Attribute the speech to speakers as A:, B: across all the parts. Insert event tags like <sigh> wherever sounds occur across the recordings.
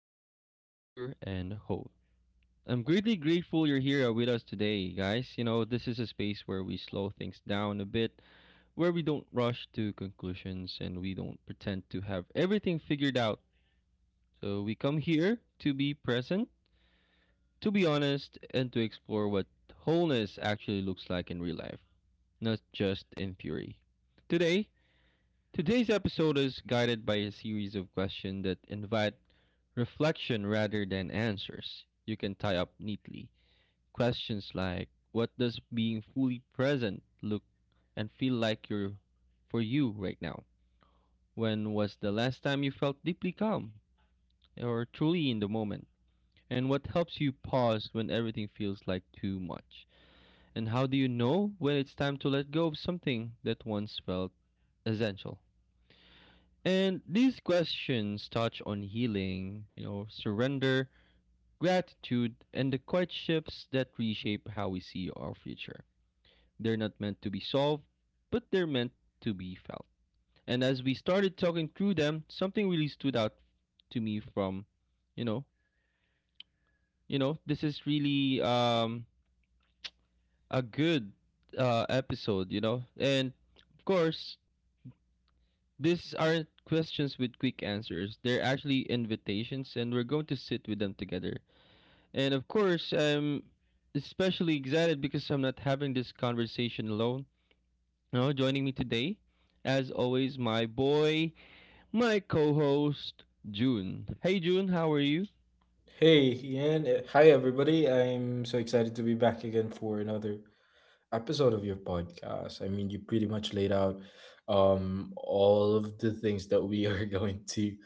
A: Others Here and Hope. I'm greatly grateful you're here with us today, guys. You know, this is a space where we slow things down a bit, where we don't rush to conclusions and we don't pretend to have everything figured out. So we come here to be present, to be honest, and to explore what wholeness actually looks like in real life, not just in theory. Today, Today's episode is guided by a series of questions that invite reflection rather than answers you can tie up neatly. Questions like, what does being fully present look and feel like you're for you right now? When was the last time you felt deeply calm or truly in the moment? And what helps you pause when everything feels like too much? And how do you know when it's time to let go of something that once felt essential? And these questions touch on healing, you know, surrender, gratitude, and the courtships that reshape how we see our future. They're not meant to be solved, but they're meant to be felt. And as we started talking through them, something really stood out to me from, you know, you know, this is really a good episode, you know, and of course, These aren't questions with quick answers. They're actually invitations, and we're going to sit with them together. And of course, I'm especially excited because I'm not having this conversation alone. Now, joining me today, as always, my boy, my co host, June. Hey, June, how are you?
B: Hey, Ian. Hi, everybody. I'm so excited to be back again for another episode of your podcast. I mean, you pretty much laid out all of the things that we are <laughs> going to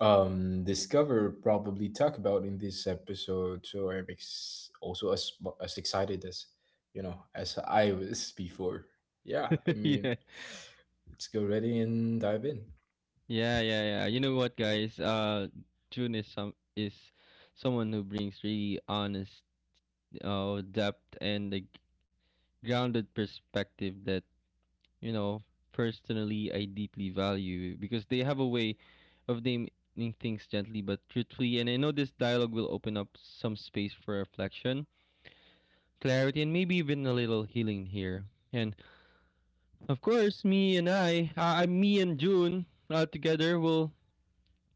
B: discover, probably talk about in this episode. So also as, as excited as, you know, as I was <laughs> before. Yeah, I
A: <laughs> Yeah.
B: mean, let's go ready and dive in.
A: Yeah, yeah, yeah. You know what, guys? June is someone who brings really honest, depth and a grounded perspective that, you know, personally I deeply value, because they have a way of naming things gently but truthfully. And I know this dialogue will open up some space for reflection, clarity, and maybe even a little healing here. And of course, me and June, together will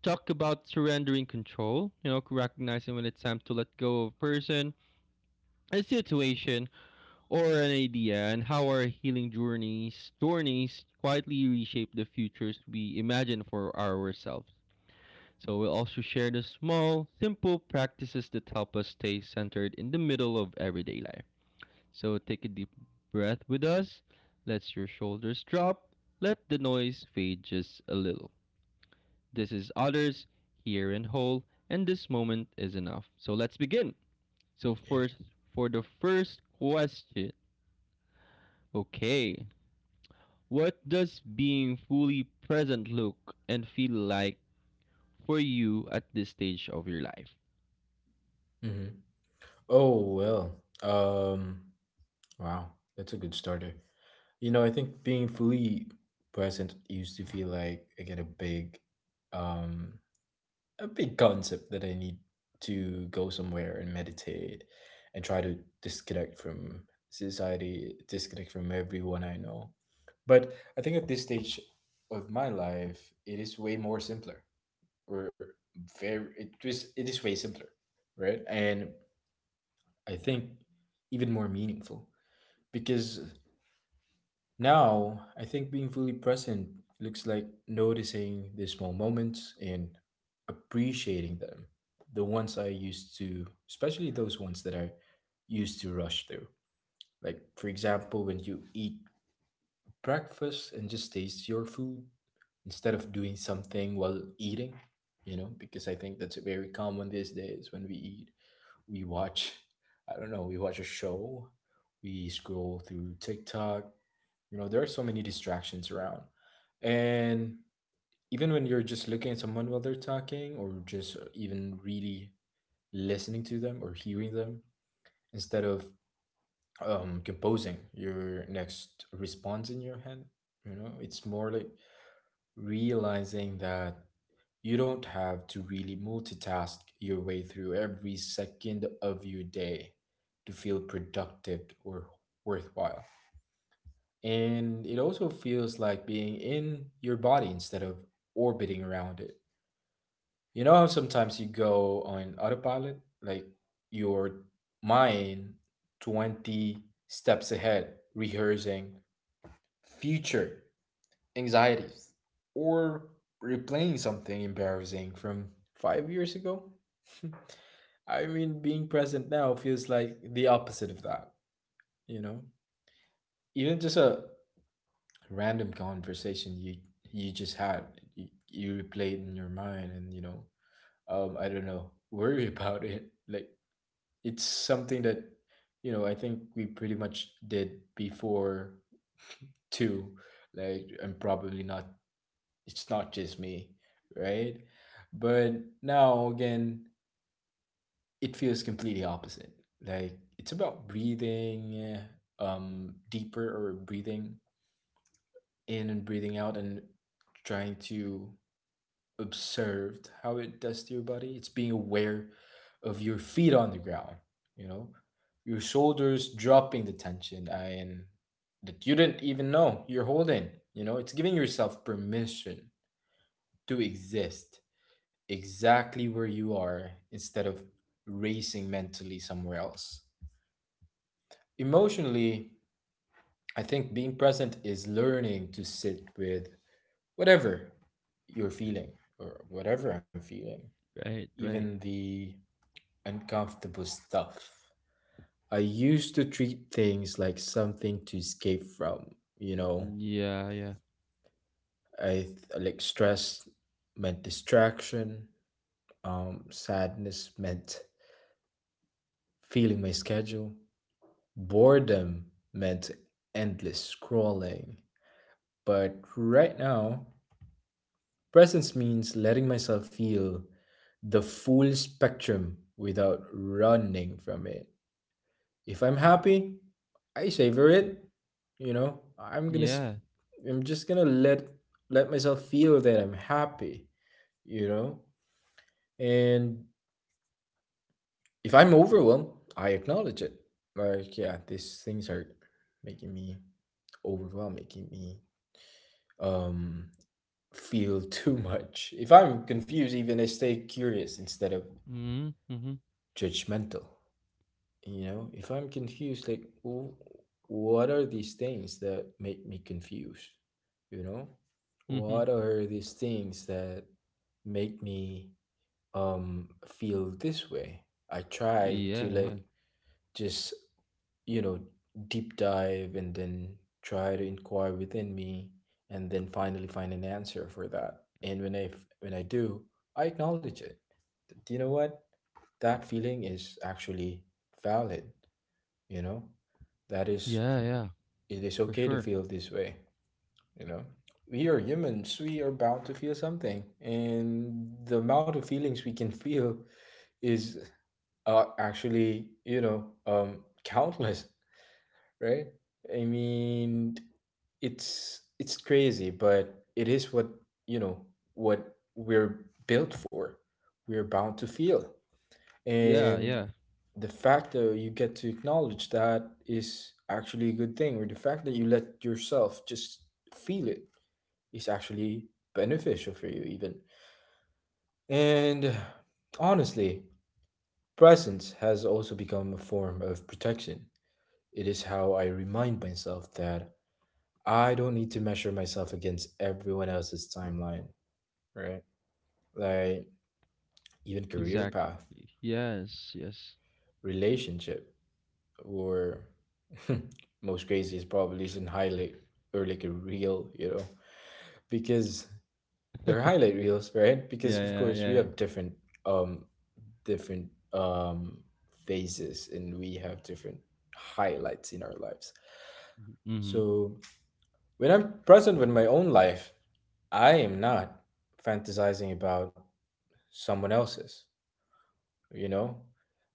A: talk about surrendering control, you know, recognizing when it's time to let go of a person, a situation, or an idea, on how our healing journeys quietly reshape the futures we imagine for ourselves. So we'll also share the small, simple practices that help us stay centered in the middle of everyday life. So take a deep breath with us. Let your shoulders drop. Let the noise fade just a little. This is Others, Here and Whole, and this moment is enough. So let's begin. So
B: Yeah.
A: first For the first question. Okay, what does being fully present look and feel like for you at this stage of your life?
B: hmm Oh, well. Um, wow. That's a good starter. You know, I think being fully present used to feel like again um a big concept that I need to go somewhere and meditate and try to disconnect from society, disconnect from everyone I know. But I think at this stage of my life, it is way more simpler. Or very it was it is way simpler, right? And I think even more meaningful because now, I think being fully present looks like noticing the small moments and appreciating them. The ones I used to, especially those ones that I used to rush through. Like, for example, when you eat breakfast and just taste your food instead of doing something while eating, you know, because I think that's very common these days. When we eat, we watch, I don't know, we watch a show, we scroll through TikTok. You know, there are so many distractions around. And even when you're just looking at someone while they're talking, or just even really listening to them or hearing them, instead of composing your next response in your head, you know, it's more like realizing that you don't have to really multitask your way through every second of your day to feel productive or worthwhile. And it also feels like being in your body instead of orbiting around it. You know how sometimes you go on autopilot, like your mind 20 steps ahead, rehearsing future anxieties or replaying something embarrassing from 5 years ago? <laughs> I mean, being present now feels like the opposite of that, you know? Even just a random conversation you just had, you replay it in your mind and I don't know, <laughs> worry about it. Like it's something that, you know, I think we pretty much did before too. Like, and probably not, it's not just me, right? But now again, it feels completely opposite. Like it's about breathing deeper, or breathing in and breathing out and trying to observed how it does to your body. It's being aware of your feet on the ground, you know, your shoulders dropping the tension and that you didn't even know you're holding. You know, it's giving yourself permission to exist exactly where you are instead of racing mentally somewhere else. Emotionally, I think being present is learning to sit with whatever you're feeling or whatever I'm feeling.
A: Right,
B: Even
A: right.
B: the uncomfortable stuff. I used to treat things like something to escape from, you know.
A: Yeah, yeah.
B: Like, stress meant distraction, sadness meant feeling my schedule, boredom meant endless scrolling. But right now, presence means letting myself feel the full spectrum without running from it. If I'm happy, I savor it. You know,
A: Yeah.
B: I'm just gonna let myself feel that I'm happy. You know, and if I'm overwhelmed, I acknowledge it. Like, yeah, these things are making me overwhelmed, making me um feel <laughs> too much. If I'm confused, even I stay curious instead of
A: Mhm. Mhm.
B: judgmental. You know, if I'm confused, like, what are these things that make me confused? You know,
A: Mhm.
B: what are these things that make me feel this way? I try to
A: Yeah,
B: like,
A: yeah.
B: just, you know, deep dive and then try to inquire within me and then finally find an answer for that. And when I do, I acknowledge it. Do you know what? That feeling is actually valid, you know? That is,
A: Yeah, yeah.
B: it is
A: For
B: okay to
A: sure.
B: feel this way. You know, we are humans, we are bound to feel something, and the amount of feelings we can <laughs> feel is, actually, you know, countless. <laughs> Right? I mean, it's crazy, but it is what, you know, what we're built for. We're bound to feel.
A: Yeah,
B: And
A: yeah.
B: the fact that you get to acknowledge that is actually a good thing, or the fact that you let yourself just feel it is actually beneficial for you, even. And honestly, presence has also become a form of protection. It is how I remind myself that I don't need to measure myself against everyone else's timeline, right? Like, even career path,
A: Exactly. Yes, yes.
B: relationship, or <laughs> most craziest probably is in highlight or like a reel, you know, because they're highlight reels, right? Because
A: Yeah,
B: of
A: yeah,
B: course we
A: yeah.
B: have different um different phases, and we have different highlights in our lives.
A: Mhm.
B: So when I'm present with my own life, I am not fantasizing about someone else's. You know,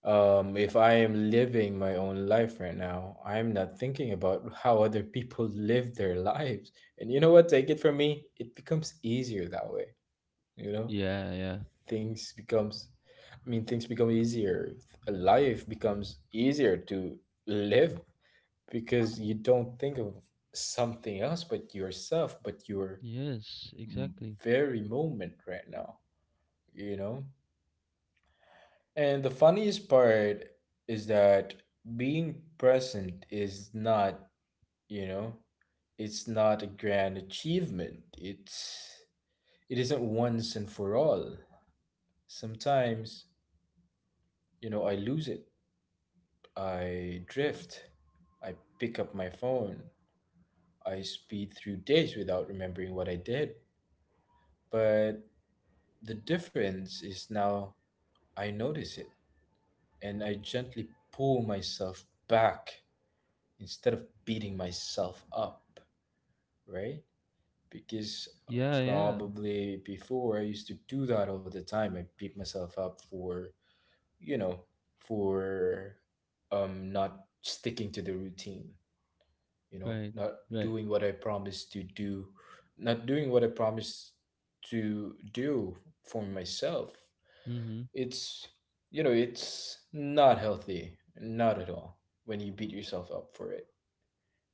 B: if I am living my own life right now, I'm not thinking about how other people live their lives. And you know what, take it from me, it becomes easier that way. You know,
A: Yeah, yeah.
B: things becomes, I mean, things become easier, life becomes easier to live, because you don't think of something else but yourself, but your
A: Yes,
B: m-
A: exactly.
B: very moment right now, you know. And the funniest part is that being present is not, you know, it's not a grand achievement. It's, it isn't once and for all. Sometimes, you know, I lose it. I drift. I pick up my phone. I speed through days without remembering what I did. But the difference is now I notice it and I gently pull myself back instead of beating myself up, right? Because
A: Yeah, yeah.
B: probably before I used to do that all the time. I beat myself up for, you know, for not sticking to the routine, you know,
A: Right.
B: not
A: Right.
B: doing what I promised to do, not doing what I promised to do for myself.
A: Mhm.
B: It's, you know, it's not healthy, not at all, when you beat yourself up for it.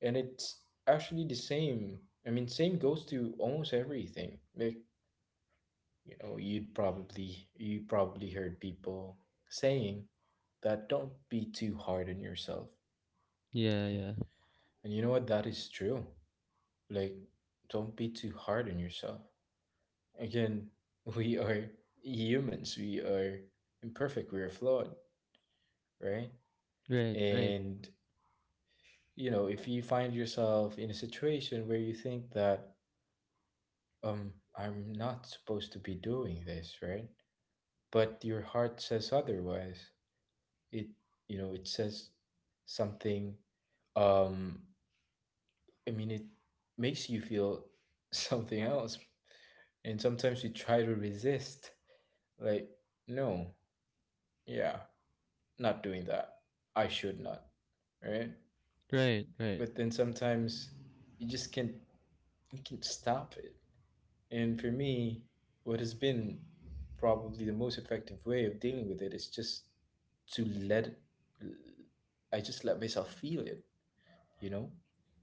B: And it's actually the same, I mean, same goes to almost everything. Like, you know, you probably heard people saying that don't be too hard on yourself.
A: Yeah, yeah.
B: <laughs> And you know what, that is true. Like, don't be too hard on yourself. Again, <laughs> we are humans, we are imperfect, we are flawed, right?
A: Right, right.
B: And you know, if you find yourself in a situation where you think that, I'm not supposed to be doing this, right? But your heart says otherwise. It, you know, it says something. Um, I mean, it makes you feel <laughs> something else. And sometimes you try to resist, like, no, yeah, not doing that. I should not, right?
A: Right, right.
B: But then sometimes you just can't, you can't stop it. And for me, what has been probably the most effective way of dealing with it is just to let I just let myself feel it, you know?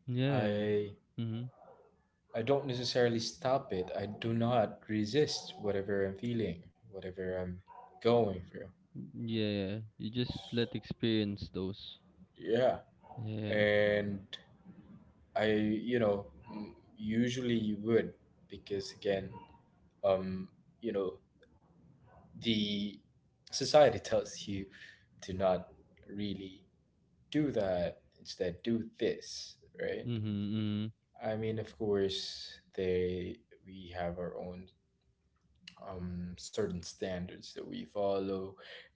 A: Yeah.
B: I
A: Mhm.
B: I don't necessarily stop it. I do not resist whatever I'm feeling, whatever I'm going through.
A: Mm, yeah, you just let experience those.
B: Yeah.
A: Yeah.
B: And I, you know, usually you would, because again, um, you know, the society tells you to not really do that, instead do this, right?
A: Mhm. Mhm.
B: I mean, of course they we have our own certain standards that we follow,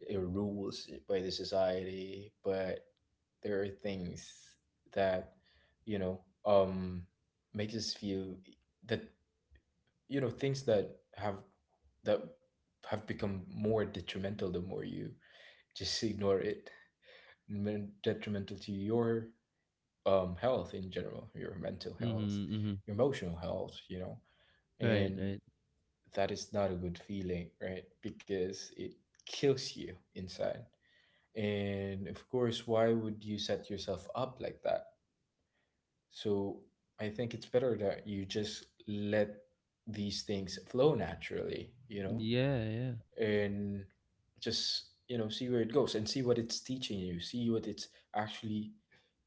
B: rules by the society, but there are things that, you know, makes us feel that, you know, things that have, that have become more detrimental the more you just ignore it. Detrimental to your health in general, your mental health,
A: Mhm. Mhm.
B: your emotional health, you know,
A: Right.
B: and
A: Right.
B: that is not a good feeling, right? Because it kills you inside. And of course, why would you set yourself up like that? So I think it's better that you just let these things flow naturally, you know,
A: Yeah. Yeah.
B: and just, you know, see where it goes and see what it's teaching you, see what it's actually,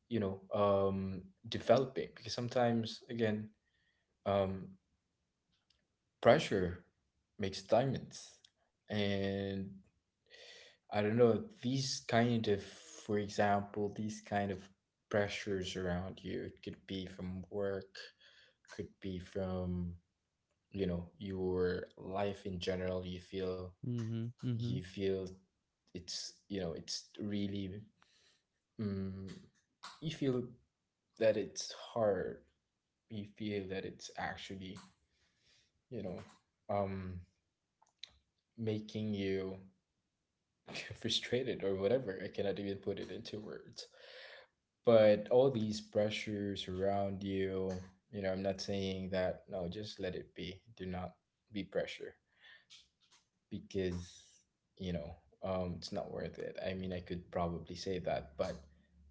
B: you know, developing, because sometimes again, um, pressure makes diamonds. And I don't know, these kind of, for example, these kind of pressures around you, it could be from work, could be from, you know, your life in general.
A: Mhm.
B: You
A: Mhm.
B: feel it's, you know, it's really, mm you feel that it's hard. You feel that it's actually, you know, um, making you <laughs> frustrated or whatever. I cannot even put it into words. But all these pressures around you, you know, I'm not saying that, no, just let it be. Do not be pressure because, you know, it's not worth it. I mean, I could probably say that, but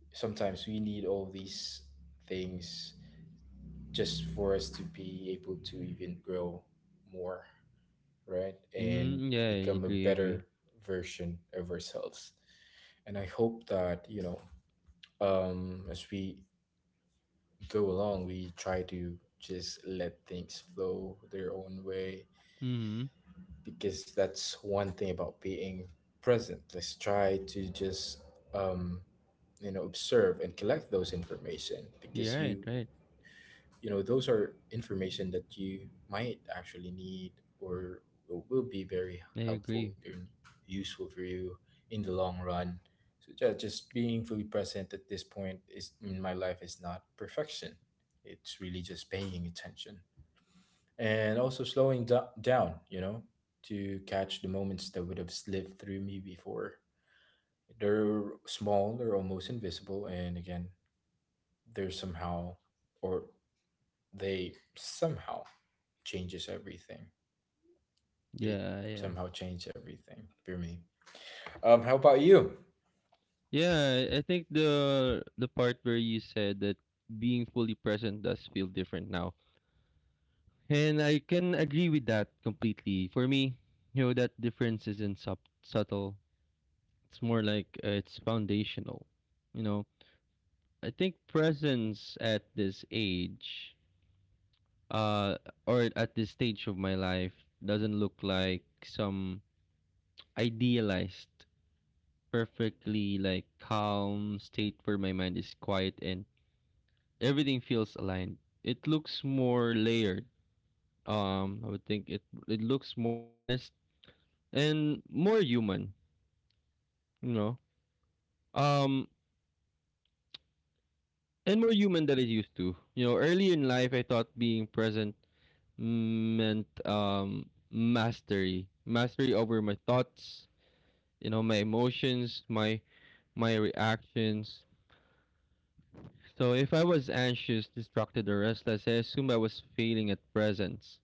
B: sometimes we need all these things just for us to be able to even grow more, right? And
A: Mhm. Yeah. I
B: become a
A: agree. I agree.
B: better version of ourselves. And I hope that, you know, as we go along, we try to just let things flow their own way,
A: Mhm.
B: because that's one thing about being present. Let's try to just um, you know observe and collect those information because
A: Yeah. Right.
B: you
A: Right.
B: you know those are information that you might actually need or will be very
A: I
B: helpful
A: agree.
B: and useful for you in the long run. So yeah, just being fully present at this point is in my life is not perfection. It's really just paying attention and also slowing down, you know, to catch the moments that would have slipped through me before. They're small, they're almost invisible, and again, they're somehow or they somehow changes everything. They
A: Yeah. Yeah.
B: somehow change everything for me. How about you?
A: Yeah. I think the part where you said that being fully present does feel different now, and I can agree with that completely. For me, you know, that difference isn't subtle. It's more like it's foundational. You know, I think presence at this age, uh, or at this stage of my life, doesn't look like some idealized, perfectly like calm state where my mind is quiet and everything feels aligned. It looks more layered. I would think it looks more honest and more human. You know, um, and more human than it used to. You know, early in life, I thought being present meant mastery, mastery over my thoughts, you know, my emotions, my reactions. So if I was anxious, distracted, or restless, I assumed I was failing at presence.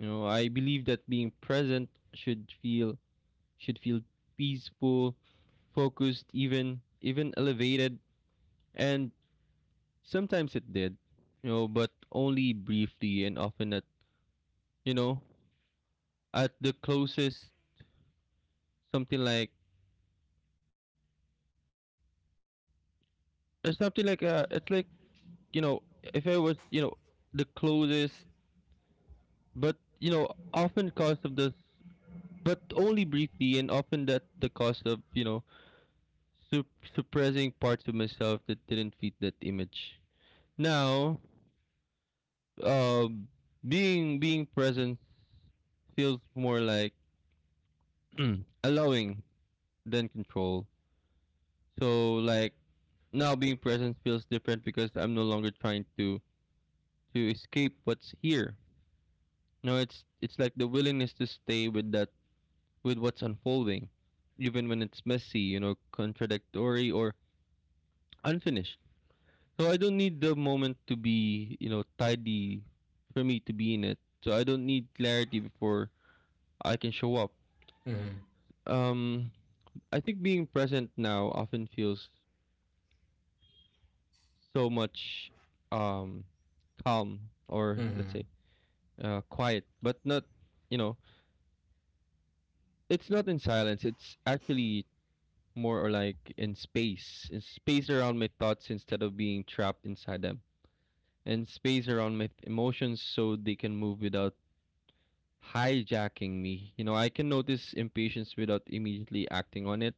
A: You know, I believe that being present should feel should feel peaceful, focused, even elevated. And sometimes it did, you know, but only briefly and often at you know at the closest something like something like it's like you know if I was you know the closest but you know often cost of this but only briefly and often at the cost of, you know, suppressing parts of myself that didn't fit that image. Now, um, being present feels more like <clears throat> allowing than control. So like now being present feels different because I'm no longer trying to escape what's here. No, it's like the willingness to stay with what's unfolding, even when it's messy, you know, contradictory or unfinished. So I don't need the moment to be, you know, tidy for me to be in it. So I don't need clarity before I can show up.
B: Mm-hmm.
A: Um I think being present now often feels so much um calm, or
B: Mm-hmm.
A: let's say quiet, but not, you know, it's not in silence, it's actually more or like in space, in space around my thoughts instead of being trapped inside them, and space around emotions, so they can move without hijacking me. You know, I can notice impatience without immediately acting on it.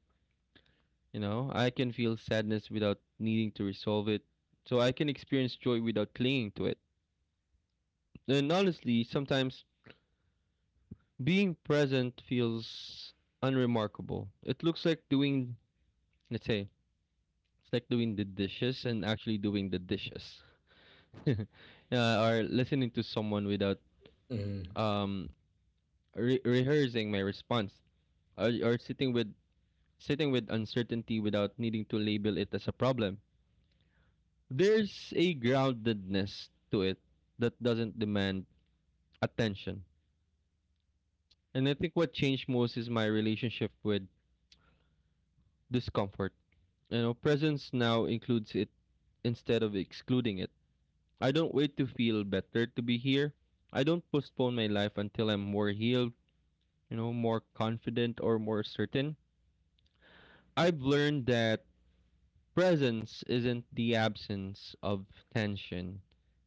A: You know, I can feel sadness without needing to resolve it, so I can experience joy without clinging to it. And honestly, sometimes being present feels unremarkable. It looks like doing, let's say, it's like doing the dishes and actually doing the dishes, <laughs> uh, or listening to someone without
B: Mm-hmm.
A: um rehearsing my response, or sitting with uncertainty without needing to label it as a problem. There's a groundedness to it that doesn't demand attention. And I think what changed most is my relationship with discomfort. You know, presence now includes it instead of excluding it. I don't wait to feel better to be here. I don't postpone my life until I'm more healed, you know, more confident or more certain. I've learned that presence isn't the absence of tension.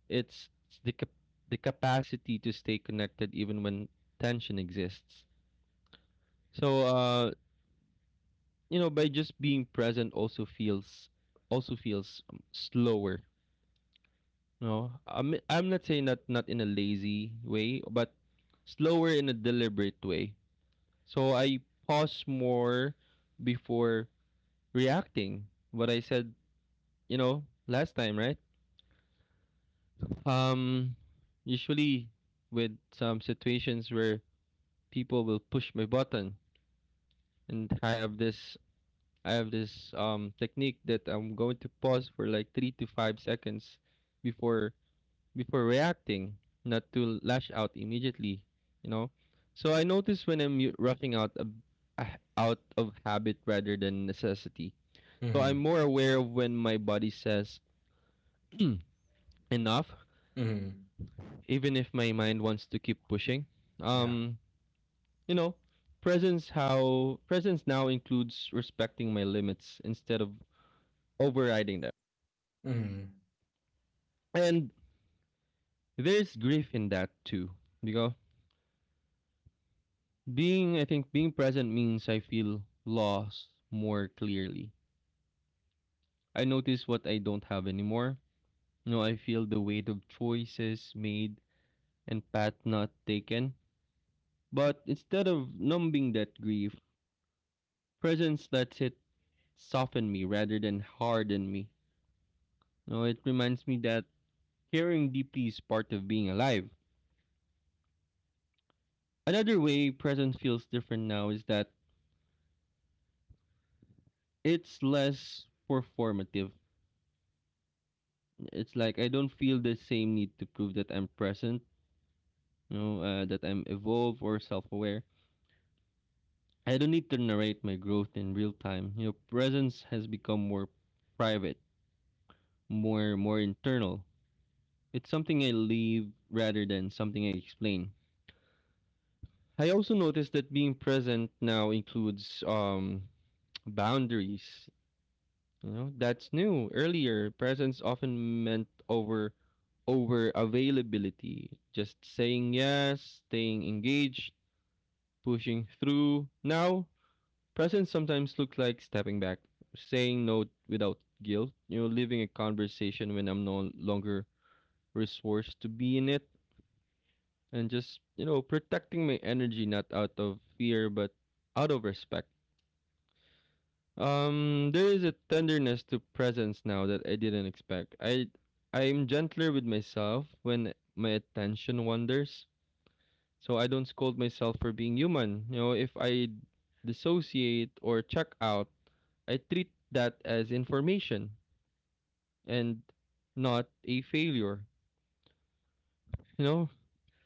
A: It's it's the cap- the capacity to stay connected even when tension exists. So, you know, by just being present also feels slower. No, I'm not saying that not in a lazy way, but slower in a deliberate way. So I pause more before reacting. What I said, you know, last time, right? Um, usually with some situations where people will push my button, and I have this technique that I'm going to pause for like 3 to 5 seconds before before reacting, not to lash out immediately, you know. So I notice when I'm rushing out of, out of habit rather than necessity. So I'm
B: Mm-hmm.
A: more aware of when my body says <clears throat> enough,
B: Mm-hmm.
A: even if my mind wants to keep pushing.
B: Yeah.
A: Um, you know, presence now includes respecting my limits instead of overriding them.
B: Mm-hmm.
A: And there's grief in that too, because being, I think, being present means I feel lost more clearly. I notice what I don't have anymore. You know, I feel the weight of choices made and path not taken. But instead of numbing that grief, presence lets it soften me rather than harden me. You know, it reminds me that caring deeply is part of being alive. Another way presence feels different now is that it's less performative. It's like I don't feel the same need to prove that I'm present, you know, that I'm evolved or self aware. I don't need to narrate my growth in real time. You know, presence has become more private, more internal. It's something I leave rather than something I explain. I also noticed that being present now includes <tsk> boundaries. You know, that's new. Earlier, presence often meant over availability, just saying yes, staying engaged, pushing through. Now, presence sometimes looks like stepping back, saying no without guilt, you know, leaving a conversation when I'm no longer resourced to be in it, and just, you know, protecting my energy, not out of fear but out of respect. There is a tenderness to presence now that I didn't expect. I'm gentler with myself when my attention wanders, so I don't scold myself for being human. You know, if I dissociate or check out, I treat that as information and not a failure. You know,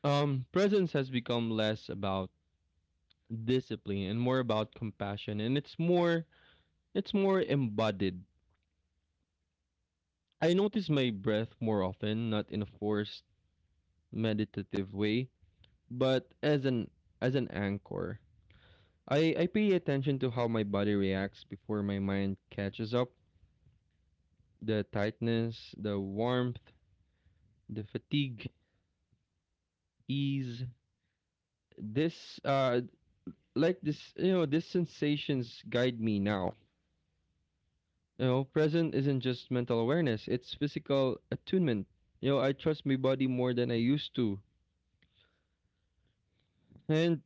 A: presence has become less about discipline and more about compassion. And it's more embodied. I notice my breath more often, not in a forced meditative way, but as an anchor. I pay attention to how my body reacts before my mind catches up. The tightness, the warmth, the fatigue, ease. This like this You know, these sensations guide me now. You know, present isn't just mental awareness, it's physical attunement. You know, I trust my body more than I used to, and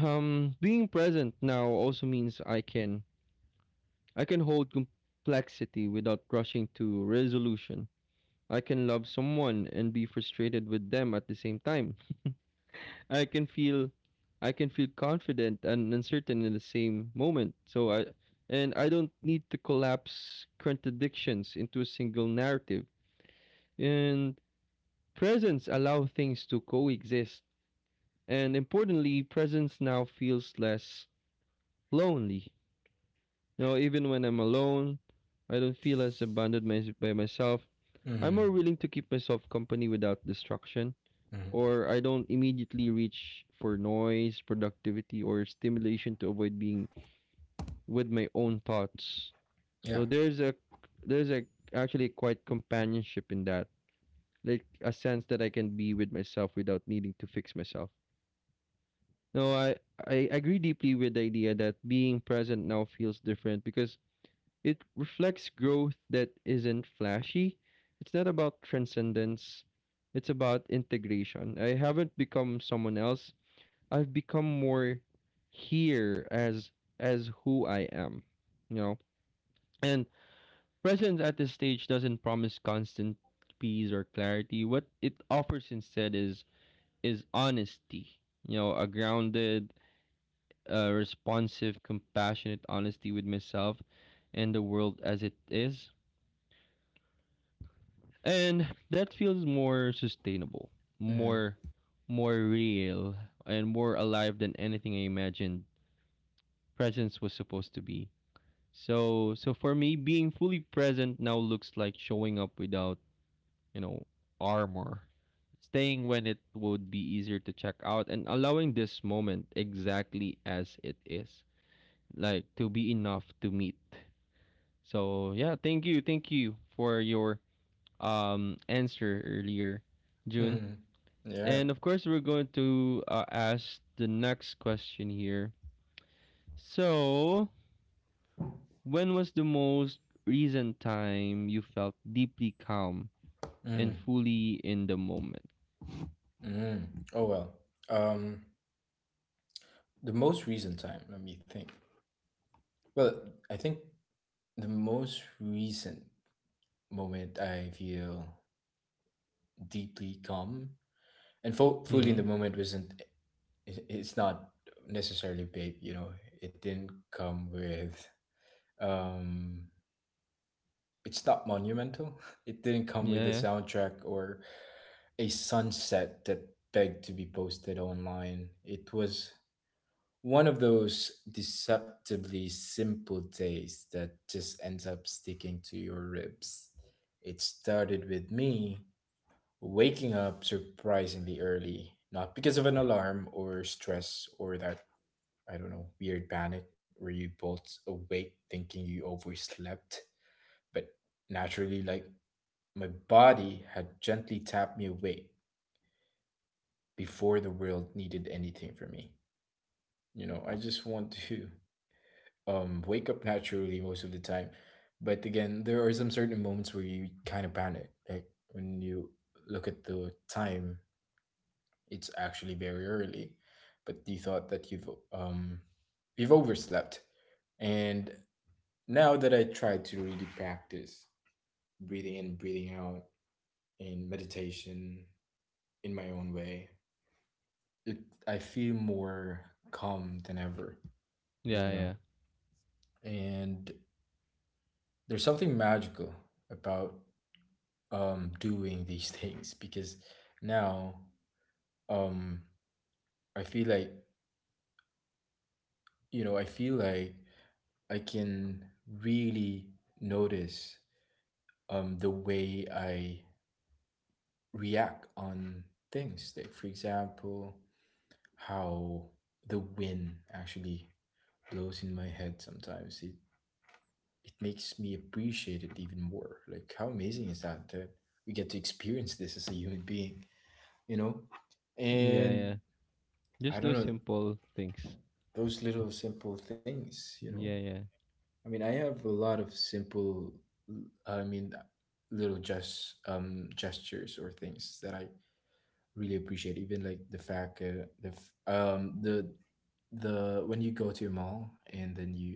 A: being present now also means I can hold complexity without rushing to resolution. I can love someone and be frustrated with them at the same time. I can feel i can feel confident and uncertain in the same moment, so I and I don't need to collapse contradictions into a single narrative. And presence allow things to coexist. And importantly, presence now feels less lonely. You know, even when I'm alone, I don't feel as abandoned by myself. I'm more
B: Mm-hmm.
A: willing to keep myself company without distraction,
B: Mm-hmm.
A: or I don't immediately reach for noise, productivity, or stimulation to avoid being with my own thoughts.
B: Yeah.
A: So there's a actually quite companionship in that, like a sense that I can be with myself without needing to fix myself. No, I agree deeply with the idea that being present now feels different because it reflects growth that isn't flashy. It's not about transcendence, it's about integration. I haven't become someone else. I've become more here as who I am, you know. And presence at this stage doesn't promise constant peace or clarity. What it offers instead is honesty. You know, a grounded, responsive, compassionate honesty with myself and the world as it is. And that feels more sustainable,
B: Mm-hmm.
A: more more real and more alive than anything I imagined presence was supposed to be. So for me, being fully present now looks like showing up without, you know armor, staying when it would be easier to check out, and allowing this moment exactly as it is, like to be enough to meet. So yeah, thank you for your answer earlier, June.
B: Mm-hmm. Yeah.
A: And of course, we're going to ask the next question here. So, when was the most recent time you felt deeply calm and
B: Mm.
A: fully in the moment?
B: Mm. Oh well. Um, the most recent time. Let me think. Well, I think the most recent moment I feel deeply calm and fully in
A: Mm-hmm.
B: the moment wasn't it's not necessarily big, you know, it didn't come with um it's not monumental <laughs> it didn't come
A: Yeah,
B: with a
A: yeah,
B: soundtrack or a sunset that begged to be posted online. It was one of those deceptively simple days that just ends up sticking to your ribs. It started with me waking up surprisingly early, not because of an alarm or stress or that, I don't know, weird panic where you both awake thinking you overslept. But naturally, like my body had gently tapped me awake before the world needed anything from me. You know, I just want to <laughs> wake up naturally most of the time. But again, there are some certain moments where you kind of panic. Like when you look at the time, it's actually very early, but you thought that um you've overslept. And now that I try to really practice breathing in, breathing out, and meditation in my own way, it, I feel more calm than ever, you
A: yeah,
B: know?
A: yeah,
B: And there's something magical about doing these <laughs> things because now, um, I feel like, you know, I feel like I can really notice the way I react on things. Like, for example, how the wind actually blows in my head sometimes. It makes me appreciate it even more. Like how amazing is that, that we get to experience this as a human being, you know?
A: yeah,
B: And
A: yeah. Just
B: I don't
A: those
B: know,
A: simple things.
B: those little simple things, you know?
A: Yeah,
B: I mean, I have a lot of simple I mean little just gestures or things that I really appreciate, even like the when you go to a mall and then you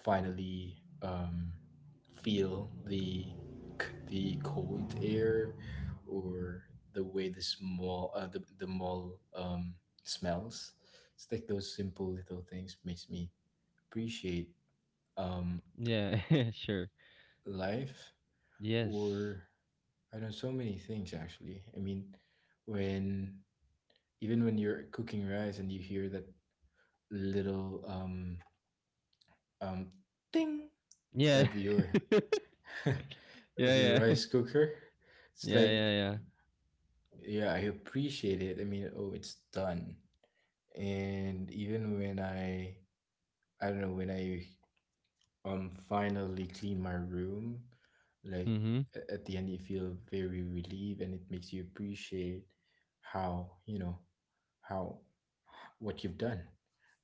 B: finally, um, feel the cold air, or the way the small the mall smells. It's like those simple little things makes me appreciate, um,
A: yeah, yeah. <laughs> Sure.
B: life,
A: Yes.
B: or I don't know, so many things actually. I mean, when, even when you're cooking rice and you hear that little, um, ding
A: Yeah,
B: of your
A: <laughs>
B: <laughs> of your
A: yeah, yeah,
B: rice cooker. It's
A: <laughs> yeah,
B: like,
A: yeah, yeah.
B: yeah, I appreciate it. I mean, oh, it's done. And even when I don't know, when I finally clean my room, like
A: Mm-hmm.
B: a- at the end, you feel very relieved, and it makes you appreciate, how, you know, how what you've done,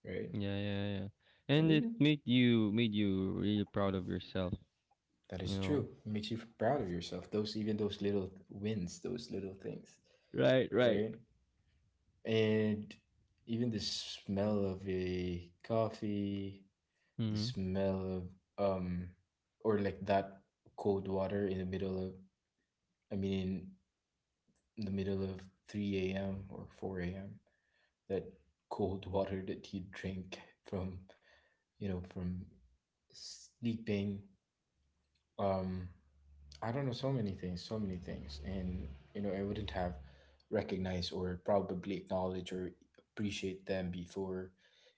B: right?
A: Yeah, yeah, yeah.
B: And
A: And it
B: even
A: made you really proud of yourself.
B: that
A: You
B: is true.
A: know.
B: It makes you proud of yourself. Those, even those little wins, those little things,
A: Right, right.
B: right? And even the smell of a coffee, the
A: Mhm.
B: smell of or like that cold water in the middle of, I mean, in the middle of 3 a.m. or 4 a.m., that cold water that you drink from, you know, from sleeping, um I don't know, so many things, so many things. And, you know, I wouldn't have recognized or probably acknowledged or appreciate them before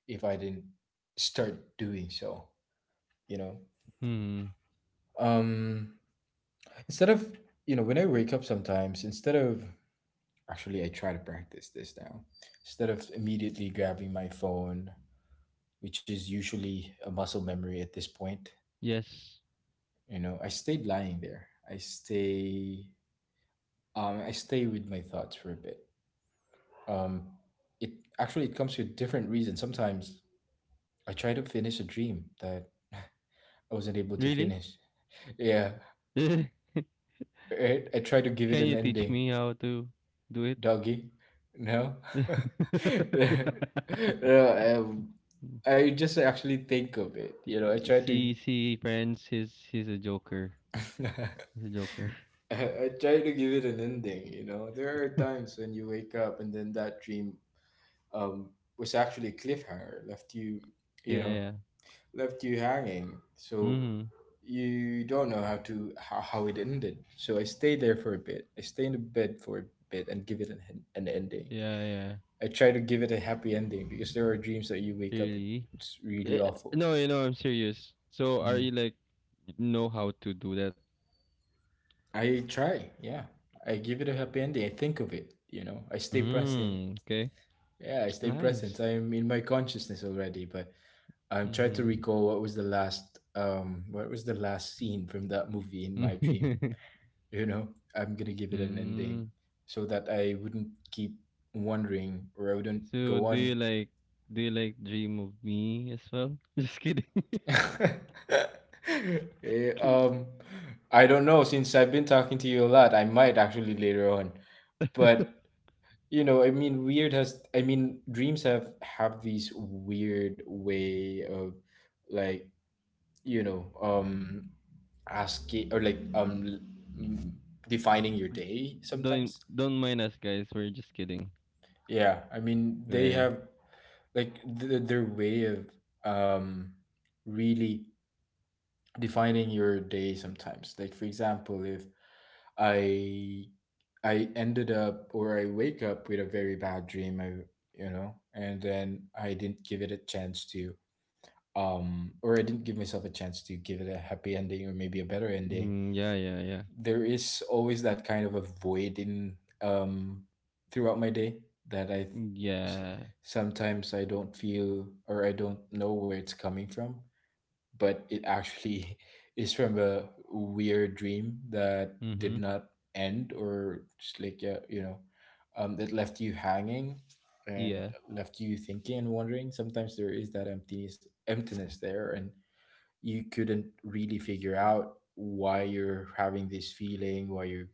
B: if I didn't start doing so, you know?
A: Hmm.
B: Um, instead of, you know, when I wake up sometimes, instead of, actually, I try to practice this now, instead of immediately grabbing my phone, which is usually a muscle memory at this point,
A: Yes.
B: you know, I stayed lying there. I stay with my thoughts for a bit. um it, actually it comes with different reasons. Sometimes I try to finish a dream that I wasn't able to
A: Really?
B: finish. Yeah,
A: <laughs>
B: I try to give it
A: Can
B: an
A: you teach
B: ending.
A: me how to do it?
B: Doggy no <laughs>
A: <laughs>
B: no, I just actually think of it, you know, I try to
A: See, friends. He's a joker.
B: <laughs>
A: He's a joker. <laughs>
B: I try to give it an ending, you know. There are times when you wake up and then that dream um was actually a cliffhanger, left you, you
A: Yeah,
B: know,
A: yeah.
B: left you hanging. So
A: Hmm.
B: you don't know how it ended. So I stayed there for a bit. I stay in the bed for a bit and give it an, an ending.
A: Yeah, yeah.
B: I try to give it a happy ending because there are dreams that you wake up,
A: Really?
B: it's really
A: Eh,
B: awful.
A: No, you know, I'm serious. So, are
B: Mm.
A: you like know how to do that?
B: I try, yeah. I give it a happy ending. I think of it, you know. I stay present.
A: Mm, okay.
B: Yeah, I stay present.
A: Nice.
B: I am in my consciousness already, but I'm trying to
A: Mm-hmm.
B: recall what was the last scene from that movie in my dream,
A: <laughs>
B: you know. I'm gonna give it an ending
A: Mm.
B: so that I wouldn't keep wondering or I wouldn't
A: So
B: go
A: do you
B: on. <laughs>
A: like do you like dream of me as well? <laughs> Just kidding.
B: Eh, um
A: <laughs>
B: I don't know, since I've been talking to you a lot, I might actually later on,
A: Wait.
B: but you know, I mean, dreams have these weird way of, like, you know, asking or like, m- defining your day
A: don't
B: sometimes.
A: don't mind us, guys. We're just kidding.
B: Yeah, I mean, they
A: Yeah.
B: have, like, th- their way of, um really defining your day sometimes. Like, for example, if i I ended up or I wake up with a very bad dream, you know, and then I didn't give it a chance to, or I didn't give myself a chance to give it a happy ending, or maybe a better ending,
A: Mm, yeah, yeah, yeah.
B: there is always that kind of a void in, um throughout my day, that s-
A: Yeah.
B: sometimes I don't feel or I don't know where it's coming from, but it actually <laughs> is from a weird dream that did
A: Mhm.
B: not end, or just like, yeah, you know, that left you hanging and
A: Yeah.
B: left you thinking and wondering. Sometimes there is that emptiness there, and you couldn't really figure out why you're having this feeling, why you're,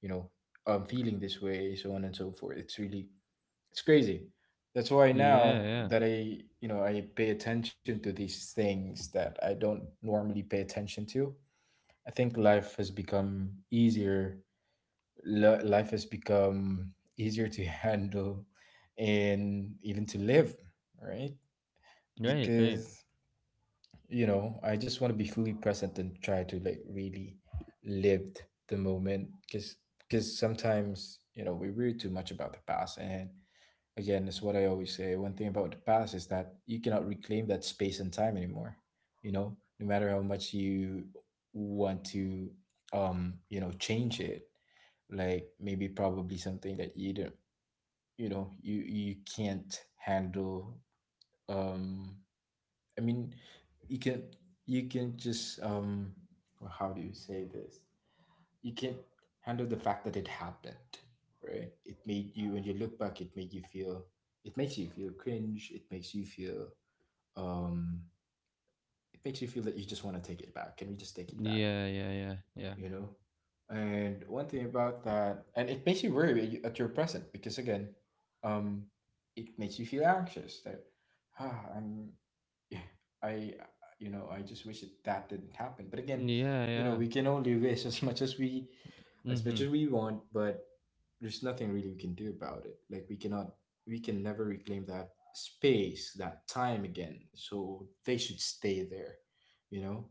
B: you know, feeling this way, so on and so forth. It's really, it's crazy. That's why
A: Yeah,
B: now
A: yeah.
B: that I, you know, I pay attention to these things that I don't normally pay attention to. I think life has become easier. Life has become easier to <laughs> handle and even to live, right?
A: Right, right.
B: Because, you know, I just want to be fully present and try to like really live the moment. Because sometimes, you know, we worry too much about the past, and again it's what I always say, one thing about the past is that you cannot reclaim that space and time anymore, you know, no matter how much you want to, you know, change it, like maybe probably something that you don't, you know, you can't handle. um I mean, you can, you can just, well, how do you say this? You can handle the fact that it happened, right? It made you, when you look back, it made you feel. It makes you feel cringe. It makes you feel. Um, it makes you feel that you just want to take it back. Can we just take it back?
A: Yeah, yeah, yeah. Yeah.
B: You know, and one thing about that, and it makes you worry at at your present because, again, um it makes you feel anxious that, ah, I'm yeah, I you know, I just wish that that didn't happen. But again,
A: Yeah,
B: you know,
A: yeah.
B: we can only wish as much as
A: Mhm.
B: we want, but there's nothing really we can do about it. Like we cannot, we can never reclaim that space, that time again, so they should stay there, you know,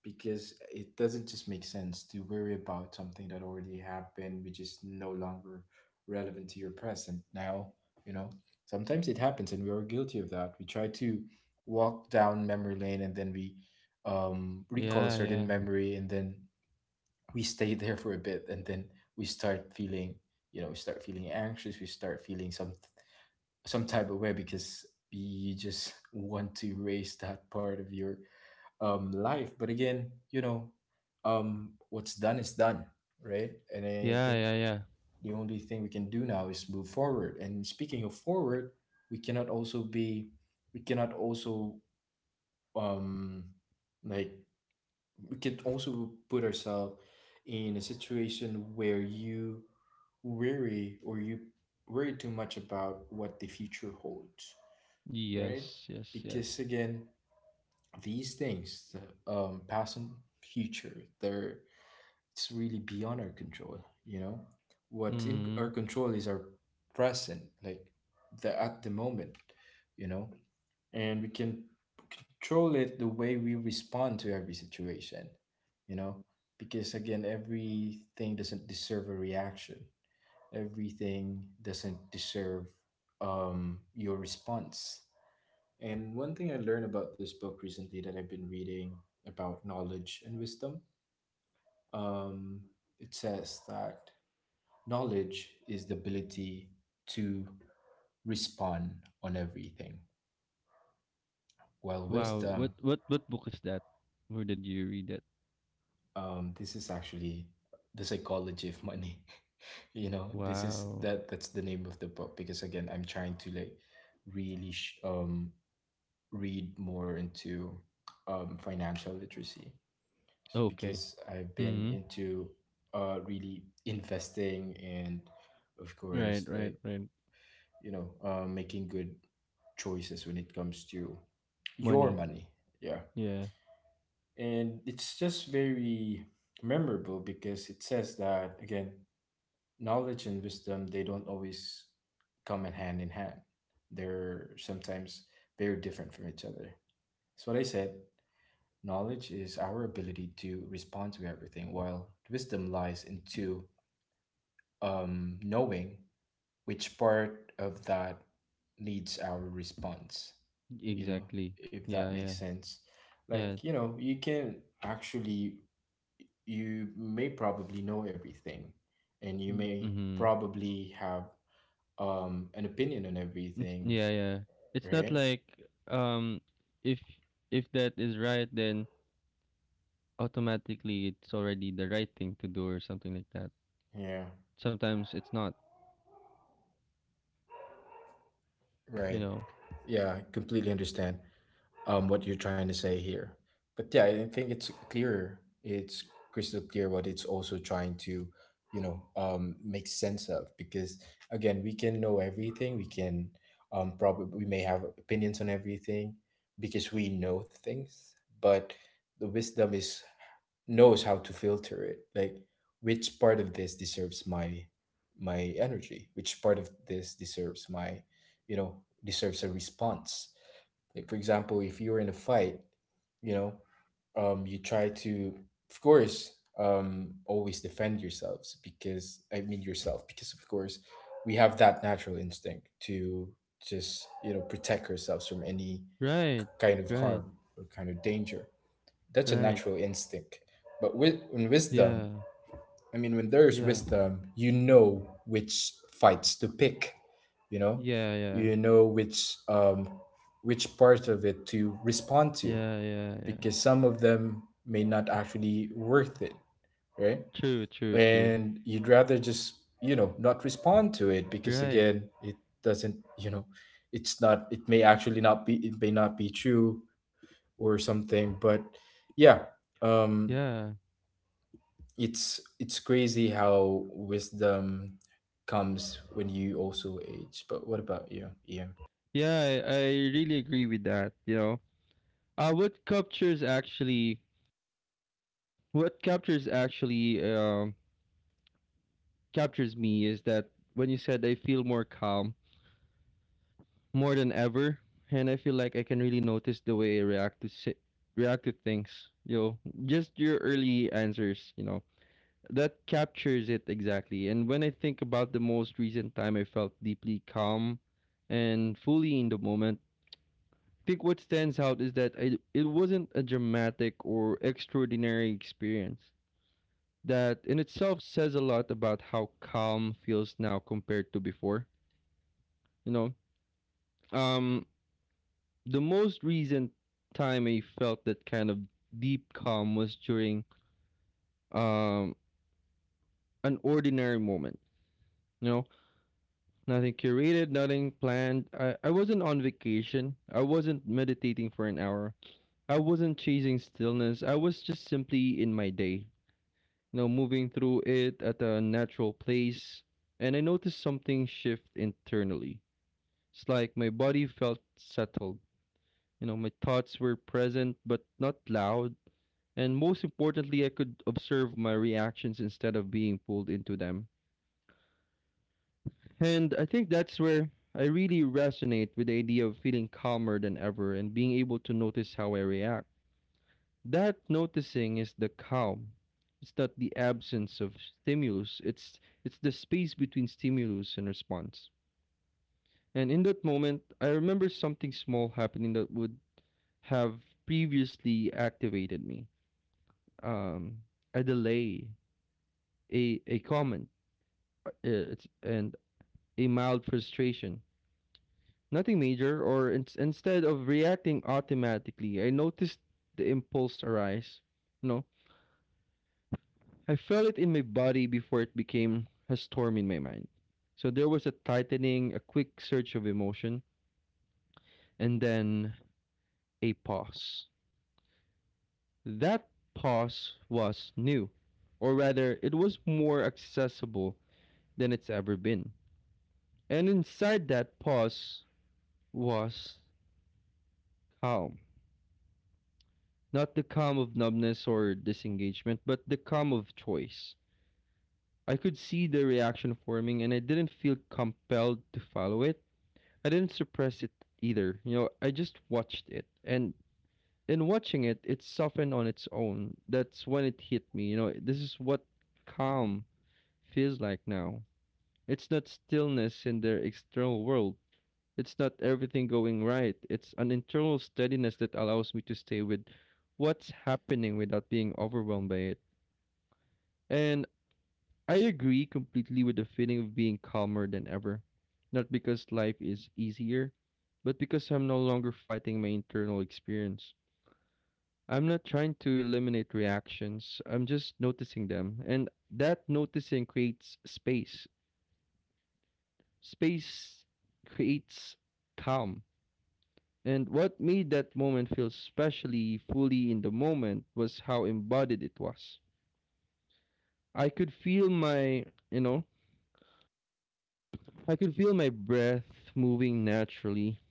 B: because it doesn't just make sense to worry about something that already happened, which is no longer relevant to your present now. You know, sometimes it happens, and we are guilty of that. We try to walk down memory lane, and then we, recall a
A: Yeah,
B: certain
A: yeah.
B: memory, and then we stay <laughs> there for a bit, and then we start feeling, you know, we start feeling anxious. We start feeling some type of way because you just <laughs> want to erase that part of your life. But again, what's done is done, right? And I
A: Yeah,
B: think
A: yeah, yeah.
B: the only thing we can do now is move forward. And speaking of forward, we cannot also be we cannot also um like we can also put ourselves in a situation where you worry or you worry too much about what the future holds, right?
A: Yes, yes,
B: Because
A: yes.
B: again, these things, the past and future, they're it's really beyond our control. You know, what's in our
A: Mhm.
B: control is our present, like the at the moment. You know, and we can control it, the way we respond to every situation. You know, because again, everything doesn't deserve a reaction. Everything doesn't deserve your response. And one thing I learned about this book recently that I've been reading about knowledge and wisdom, um, it says that knowledge is the ability to respond on everything, while
A: Wow.
B: wisdom,
A: What book is that? Where did you read it?
B: this is actually The Psychology of Money. <laughs> You know, this is
A: Wow.
B: that's the name of the book. Because again, I'm trying to like really read more into financial literacy,
A: Okay.
B: because I've been
A: Mhm.
B: into really investing and of
A: Right,
B: course
A: right,
B: like
A: right.
B: you know making good choices when it comes to your
A: Money.
B: money. Yeah.
A: Yeah.
B: And it's just very memorable because it says that again, knowledge and wisdom, they don't always come in hand in hand. They're sometimes very different from each other. That's what I said. Knowledge is our ability to respond to everything, while wisdom lies in two knowing which part of that needs our response, you know,
A: Exactly.
B: if that
A: Yeah,
B: makes
A: yeah.
B: sense.
A: Yeah.
B: Like, you know, you can actually, you may probably know everything and you may
A: Mhm.
B: probably have an opinion on
A: It's
B: everything,
A: yeah, yeah. It's not
B: right?
A: like, um if if that is right, then automatically it's already the right thing to do or something like that.
B: Yeah,
A: Sometimes it's not, you
B: right.
A: know.
B: Yeah, I completely understand what you're trying to say here. But yeah, I think it's clear. It's crystal clear what it's also trying to, you know, make sense of. Because again, we can know everything. We can probably we may have opinions on everything because we know things. But the wisdom is knows how to filter it, like which part of this deserves my energy, which part of this deserves my, you know, deserves a response. Like for example, if you're in a fight, you know, you try to of course always defend yourselves because I mean yourself, because of course we have that natural instinct to just, you know, protect ourselves from any
A: Right.
B: kind of
A: Right.
B: harm or kind of danger. That's a
A: Right.
B: natural instinct. But with in wisdom,
A: Yeah.
B: I mean, when there is
A: Yeah.
B: wisdom, you know which fights to pick. You know,
A: Yeah, yeah.
B: you know which part of it to respond to,
A: Yeah, yeah, yeah.
B: because some of them may not actually worth it, right?
A: True, true, true.
B: And you'd rather just, you know, not respond to it, because
A: Right.
B: again it doesn't, you know, it may actually not be, it may not be true or something. But yeah, um
A: Yeah.
B: it's crazy how wisdom comes when you also age. But what about you? Yeah.
A: Yeah, I really agree with that, you know. Uh, what captures actually, what captures actually captures me is that when you said I feel more calm more than ever, and I feel like I can really notice the way I react to things. You know, just your early answers. You know, that captures it exactly. And when I think about the most recent time I felt deeply calm and fully in the moment, I think what stands out is that it wasn't a dramatic or extraordinary experience. That in itself says a lot about how calm feels now compared to before. You know, um, the most recent time I felt that kind of deep calm was during um, an ordinary moment. You know, nothing curated, nothing planned. I wasn't on vacation. I wasn't meditating for an hour. I wasn't chasing stillness. I was just simply in my day, you know, moving through it at a natural pace. And I noticed something shift internally. It's like my body felt settled. You know, my thoughts were present but not loud. And most importantly, I could observe my reactions instead of being pulled into them. And I think that's where I really resonate with the idea of feeling calmer than ever and being able to notice how I react. That noticing is the calm. It's not the absence of stimulus. It's the space between stimulus and response. And in that moment, I remember something small happening that would have previously activated me. Um, a delay, a comment, it's, and a mild frustration. Nothing major. Instead of reacting automatically, I noticed the impulse arise. You know, I felt it in my body before it became a storm in my mind. So there was a tightening, a quick surge of emotion, and then a pause. That pause was new, or rather, it was more accessible than it's ever been. And inside that pause was calm. Not the calm of numbness or disengagement, but the calm of choice. I could see the reaction forming and I didn't feel compelled to follow it. I didn't suppress it either. You know, I just watched it. And in watching it, it softened on its own. That's when it hit me. You know, this is what calm feels like now. It's not stillness in their external world. It's not everything going right. It's an internal steadiness that allows me to stay with what's happening without being overwhelmed by it. And I agree completely with the feeling of being calmer than ever. Not because life is easier, but because I'm no longer fighting my internal experience. I'm not trying to eliminate reactions, I'm just noticing them. And that noticing creates space. Space creates calm. And what made that moment feel specially fully in the moment was how embodied it was. I could feel my, you know, I could feel my breath moving naturally.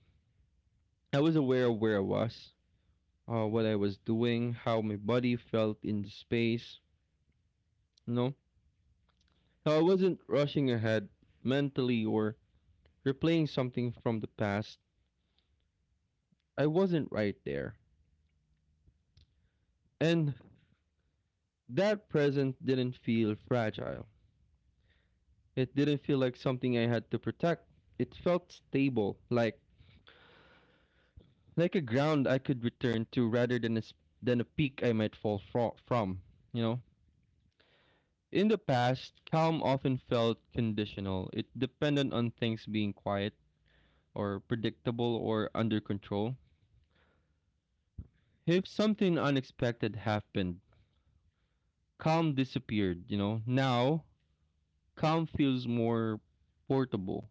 A: I was aware of where I was, what I was doing, how my body felt in the space, you know. So I wasn't rushing ahead mentally or replaying something from the past. I wasn't right there. And that present didn't feel fragile. It didn't feel like something I had to protect. It felt stable, like a ground I could return to rather than than a peak I might from, you know? In the past, calm often felt conditional. It depended on things being quiet or predictable or under control. If something unexpected happened, calm disappeared, you know? Now, calm feels more portable.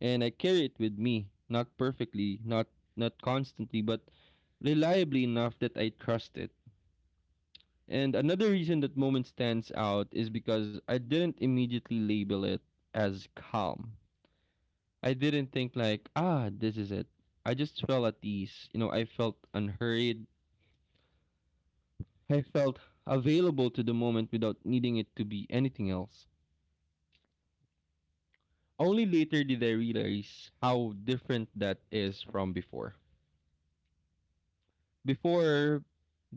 A: And I carry it with me, not perfectly, not constantly, but reliably enough that I trust it. And another reason that moment stands out is because I didn't immediately label it as calm. I didn't think like, ah, this is it. I just felt at ease. You know, I felt unhurried. I felt available to the moment without needing it to be anything else. Only later did I realize how different that is from before. Before,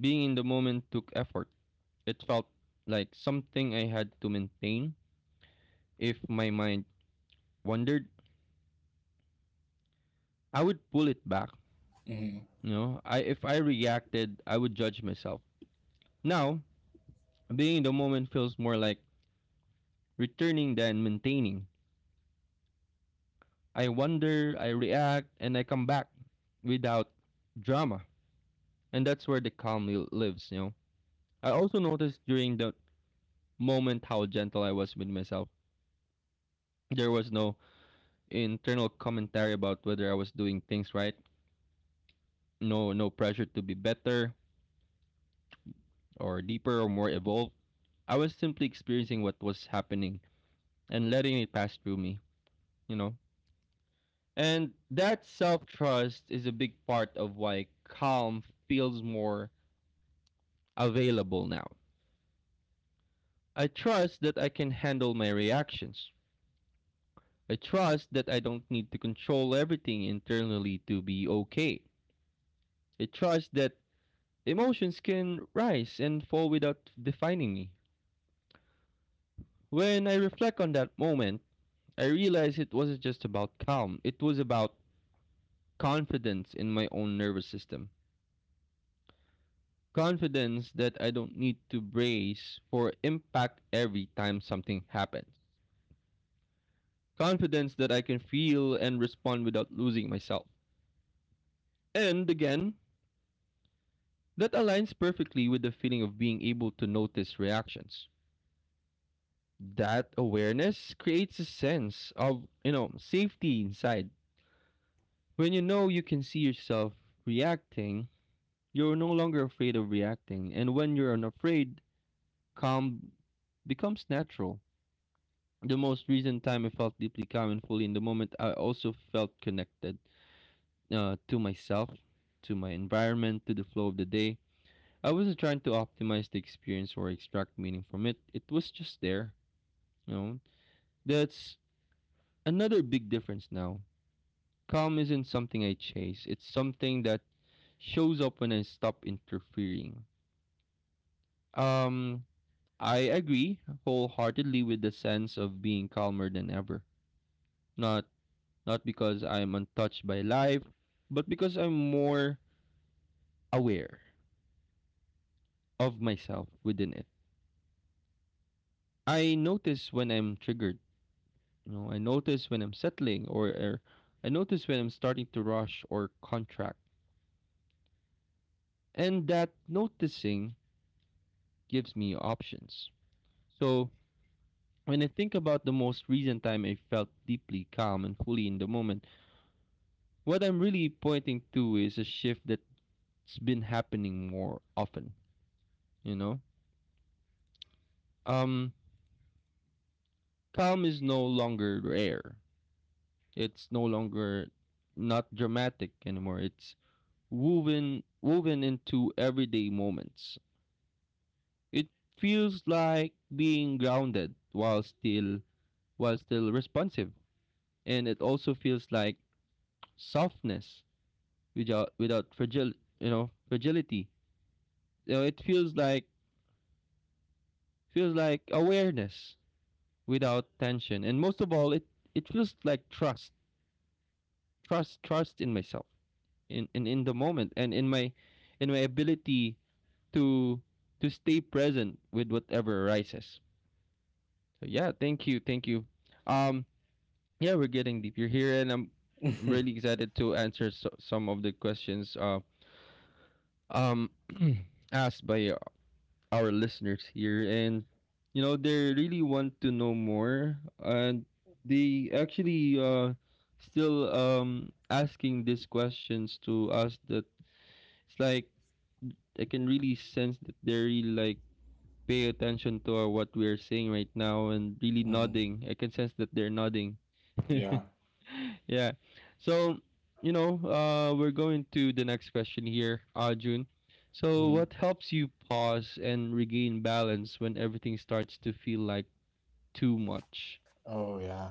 A: being in the moment took effort. It felt like something I had to maintain. If my mind wandered, I would pull it back.
B: Mm-hmm.
A: You know, I if I reacted, I would judge myself. Now, being in the moment feels more like returning than maintaining. I wonder, I react, and I come back without drama. And that's where the lives, you know. I also noticed during the moment how gentle I was with myself. There was no internal commentary about whether I was doing things right. No pressure to be better or deeper or more evolved. I was simply experiencing what was happening and letting it pass through me, you know. And that self trust is a big part of why calm feels more available now. I trust that I can handle my reactions. I trust that I don't need to control everything internally to be okay. I trust that emotions can rise and fall without defining me. When I reflect on that moment, I realize it wasn't just about calm, it was about confidence in my own nervous system. Confidence that I don't need to brace for impact every time something happens. Confidence that I can feel and respond without losing myself. And again, that aligns perfectly with the feeling of being able to notice reactions. That awareness creates a sense of safety inside when you know you can see yourself reacting. You're no longer afraid of reacting, and when you're unafraid, calm becomes natural. The most recent time I felt deeply calm and fully in the moment, I also felt connected to myself, to my environment, to the flow of the day. I wasn't trying to optimize the experience or extract meaning from it. It was just there you know that's another big difference now. Calm isn't something I chase. It's something that shows up when I stop interfering. Um, I agree wholeheartedly with the sense of being calmer than ever. Not Not because I'm untouched by life, but because I'm more aware of myself within it. I notice when I'm triggered. You know, I notice when I'm settling, or I notice when I'm starting to rush or contract, and that noticing gives me options. So when I think about the most recent time I felt deeply calm and fully in the moment, what I'm really pointing to is a shift that's been happening more often, you know? Um Calm is no longer rare. It's no longer— not dramatic anymore. It's woven into everyday moments. It feels like being grounded while still— while still responsive. And it also feels like softness without— without fragile you know fragility. You know, it feels like— feels like awareness without tension, and most of all, it— it feels like trust, trust, trust in myself, in— in the moment, and in my— in my ability to— to stay present with whatever arises. So yeah, thank you, thank you. Um, yeah, we're getting deep. You're here, and I'm really
B: <laughs>
A: excited to answer some of the questions um, <clears throat> asked by our listeners here, and you know they really want to know more, and they actually still asking these questions to us that it's like I can really sense that they really like pay attention to what we are saying right now and really
B: Hmm.
A: nodding. I can sense that they're nodding. <laughs>
B: Yeah.
A: Yeah. So, you know, we're going to the next question here, Arjun. So,
B: Hmm.
A: what helps you pause and regain balance when everything starts to feel like too much?
B: Oh, yeah.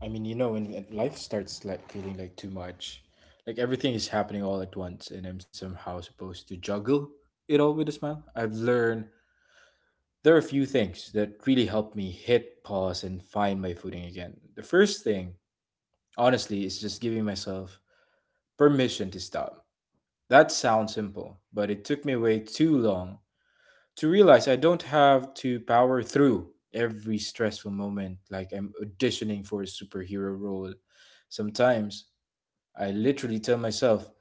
B: I mean, you know, when life starts like feeling like too much, like everything is happening all at once, and I'm somehow supposed to juggle it all with a smile. I've learned there are a few things that really help me hit pause and find my footing again. The first thing, honestly, is just giving myself permission to stop. That sounds simple, but it took me way too long to realize I don't have to power through every stressful moment like I'm auditioning for a superhero role. Sometimes I literally tell myself,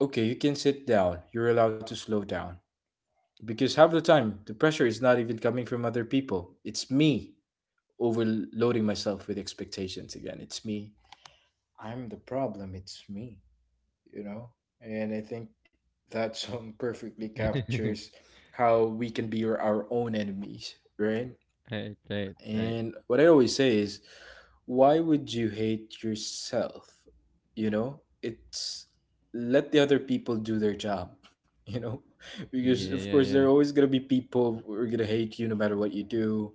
B: okay, you can sit down, you're allowed to slow down. Because half the time, the pressure is not even coming from other people. It's me overloading myself with expectations again. It's me. I'm the problem. It's me, you know? And I think that <laughs> song perfectly
A: <laughs> Right,
B: captures how we can be our own enemies, right?
A: right, right.
B: And what I always say is, why would you hate yourself? You know, it's let the other people do their job, <laughs> you know, because
A: Yeah,
B: of
A: yeah,
B: course, there are
A: yeah.
B: always going to be people who are going to hate you no matter what you do.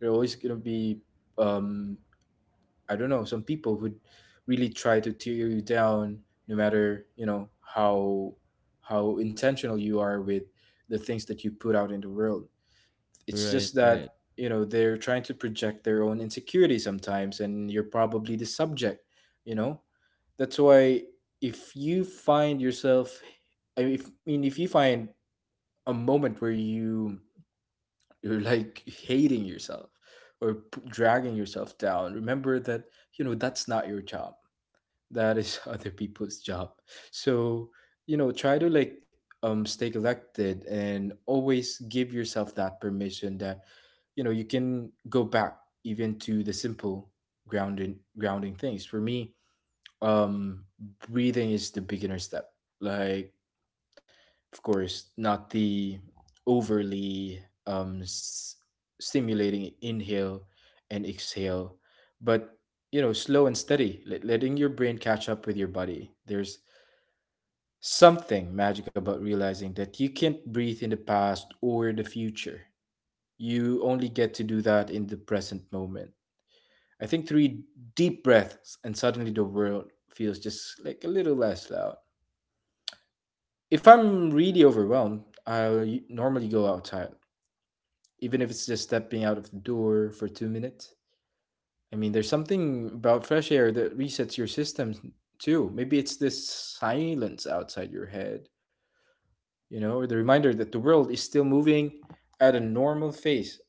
B: There are always going to be, um, I don't know, some people who really try to tear you down no matter, you know, how intentional you are with the things that you put out in the world. It's
A: Right,
B: just
A: right.
B: that, you know, they're trying to project their own insecurity sometimes, and you're probably the subject, you know. That's why if you find yourself, I mean, if you find a moment where you you're like hating yourself or dragging yourself down, remember that, you know, that's not your job. That is <laughs> other people's job. So, you know, try to like stay collected, and always give yourself that permission that you know you can go back. Even to the simple grounding things for me, um breathing is the beginner step. Like, of course not the overly stimulating inhale and exhale, but you know slow and steady, letting your brain catch up with your body. There's something magic about realizing that you can't breathe in the past or the future. You only get to do that in the present moment. I think three deep breaths, and suddenly the world feels just like a little less loud. If I'm really overwhelmed, I'll normally go outside, even if it's just stepping out of the door for 2 minutes. I mean, there's something about fresh air that resets your system too. Maybe it's this silence outside your head, you know, or the reminder that the world is still moving at a normal pace,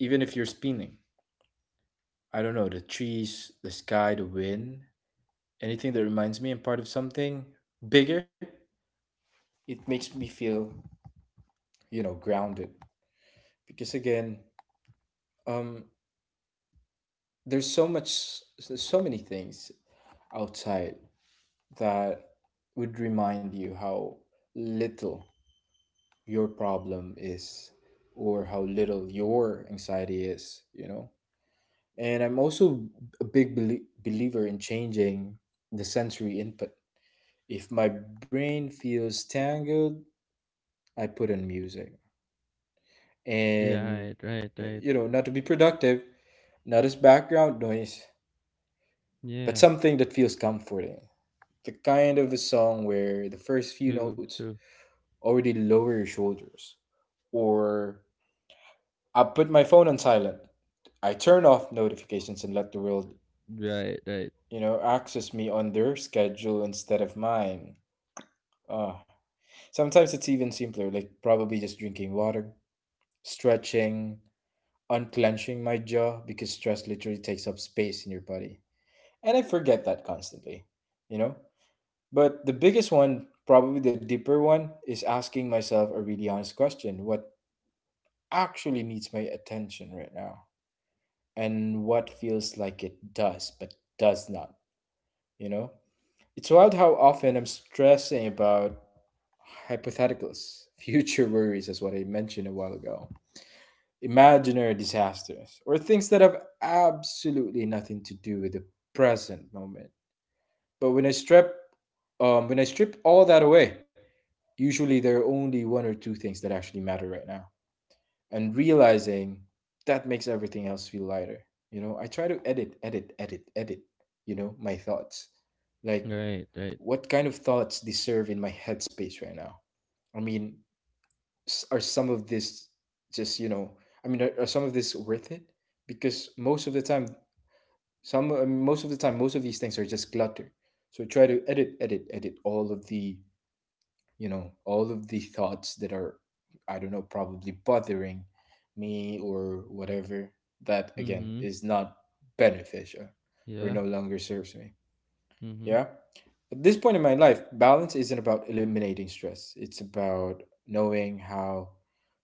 B: even if you're spinning. I don't know, the trees, the sky, the wind. Anything that reminds me I'm part of something bigger, it makes me feel, you know, grounded. Because again, um, there's so much, there's so many things outside that would remind you how little your problem is, or how little your anxiety is, you know? And I'm also a big believer in changing the sensory input. If my brain feels tangled, I put in music.
A: Yeah, right,
B: And
A: right, right.
B: you know, not to be productive, not as background noise,
A: Yeah.
B: but something that feels comforting. The kind of a song where the first few
A: True,
B: notes
A: true.
B: already lower your shoulders. Or I put my phone on silent, I turn off notifications and let the world,
A: Right, right,
B: you know, access me on their schedule instead of mine. Ah, sometimes it's even simpler, like probably just drinking water, stretching, unclenching my jaw, because stress literally takes up space in your body. And I forget that constantly, you know? But the biggest one, probably the deeper one, is asking myself a really honest question: what actually needs my attention right now? And what feels like it does, but does not, you know? It's wild how often I'm stressing about hypotheticals, <laughs> future worries, as what I mentioned a while ago, imaginary disasters, or things that have absolutely nothing to do with the present moment. But when when I strip all that away, usually there are only one or two things that actually matter right now. And realizing that makes everything else feel lighter. You know, I try to edit, you know, my thoughts. Like,
A: right, right.
B: what kind of thoughts deserve in my headspace right now? I mean, s- are some of this just, you know, I mean, are some of this worth it? Because most of the time, most of these things are just clutter. So try to edit all of the, you know, all of the thoughts that are, I don't know, probably bothering me or whatever, that again
A: Mm-hmm.
B: is not beneficial or
A: Yeah.
B: no longer serves me.
A: Mm-hmm.
B: Yeah. At this point in my life, balance isn't about eliminating stress. It's about knowing how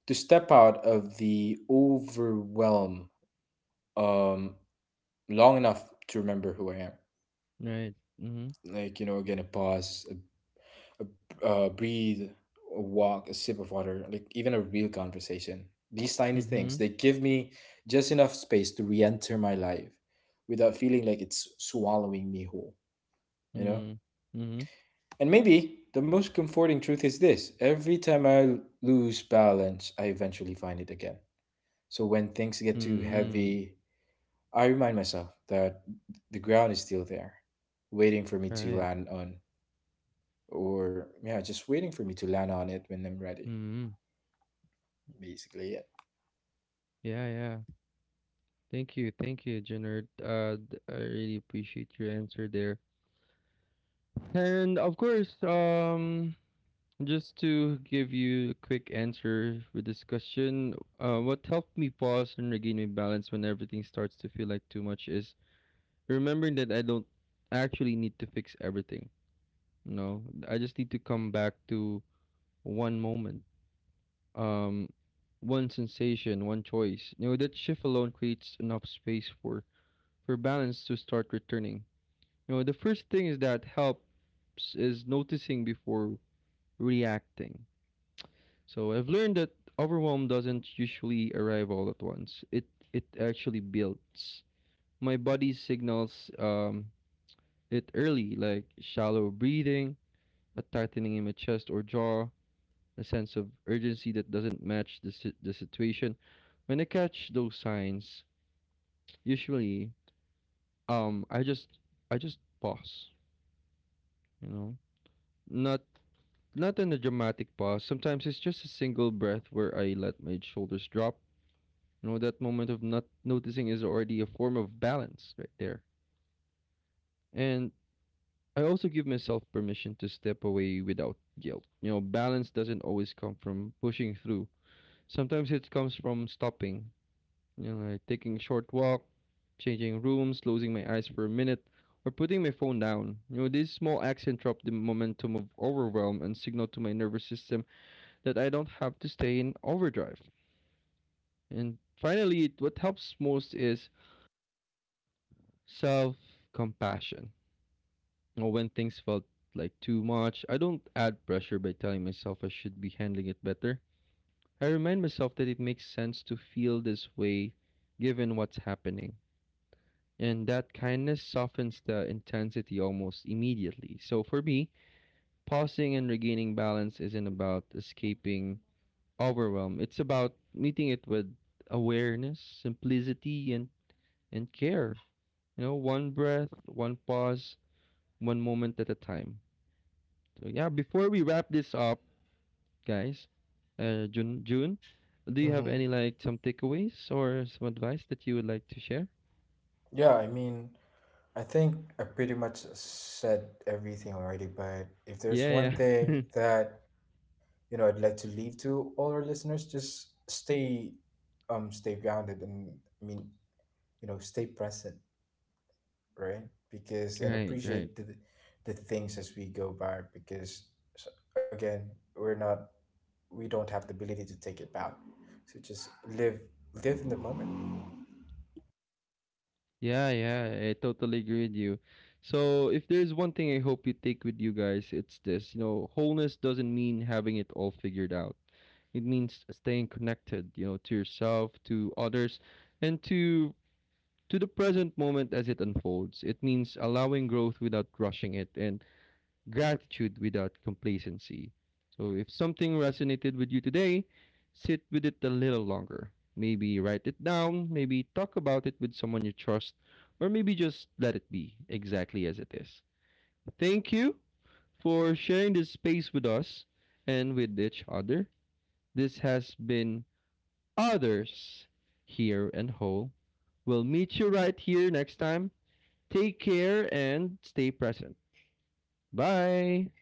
B: to step out of the overwhelm um, long enough to remember who I am.
A: Right. Mm-hmm.
B: Like, you know, again, breathe, a walk, a sip of water, like even a real conversation. These tiny things,
A: Mm-hmm.
B: they give me just enough space to re-enter my life without feeling like it's swallowing me whole, you know.
A: Mm-hmm. Mm-hmm.
B: And maybe the most comforting truth is this: every time I lose balance, I eventually find it again. So when things get too
A: Mm-hmm.
B: heavy, I remind myself that the ground is still there, waiting for me to
A: Right.
B: land on. Or yeah, just waiting for me to land on it when I'm ready.
A: Mm-hmm.
B: Basically, it.
A: Yeah, yeah. Thank you. Thank you, Jenner. I really appreciate your answer there. And of course, just to give you a quick answer with this question, what helped me pause and regain my balance when everything starts to feel like too much is remembering that I don't actually need to fix everything. You know, I just need to come back to one moment, um, one sensation, one choice. You know, that shift alone creates enough space for— for balance to start returning. You know, the first thing is that helps is noticing before reacting. So I've learned that overwhelm doesn't usually arrive all at once. It— it actually builds. My body signals it early, like shallow breathing, a tightening in my chest or jaw, a sense of urgency that doesn't match the situation. When I catch those signs, usually I just— I just pause. You know, not— not in a dramatic pause. Sometimes it's just a single breath where I let my shoulders drop. You know, that moment of not noticing is already a form of balance right there. And I also give myself permission to step away without guilt. You know, balance doesn't always come from pushing through. Sometimes it comes from stopping. You know, like taking a short walk, changing rooms, closing my eyes for a minute, or putting my phone down. You know, these small acts interrupt the momentum of overwhelm and signal to my nervous system that I don't have to stay in overdrive. And finally, what helps most is self compassion. When things felt like too much, I don't add pressure by telling myself I should be handling it better. I remind myself that it makes sense to feel this way given what's happening. And that kindness softens the intensity almost immediately. So for me, pausing and regaining balance isn't about escaping overwhelm. It's about meeting it with awareness, simplicity, and care. You know, one breath, one pause, one moment at a time. So, yeah, before we wrap this up, guys, June, June, do you have
B: Mm-hmm.
A: any like some takeaways or some advice that you would like to share?
B: Yeah, I mean, I think I pretty much said everything already, but if there's
A: Yeah,
B: one thing
A: yeah.
B: that, you know, I'd like to leave to all our listeners, just stay stay grounded, and I mean, you know, stay present, right? Because
A: <laughs>
B: and
A: Right,
B: appreciate
A: right.
B: the things as we go by, because s- again, we're not we don't have the ability to take it back. So just live live in the moment.
A: Yeah, yeah, I totally agree with you. So, if there's one thing I hope you take with you guys, it's this. You know, wholeness doesn't mean having it all figured out. It means staying connected, you know, to yourself, to others, and to— to the present moment as it unfolds. It means allowing growth without rushing it, and gratitude without complacency. So if something resonated with you today, sit with it a little longer. Maybe write it down, maybe talk about it with someone you trust, or maybe just let it be exactly as it is. Thank you for sharing this space with us and with each other. This has been Others Here and Whole. We'll meet you right here next time. Take care and stay present. Bye.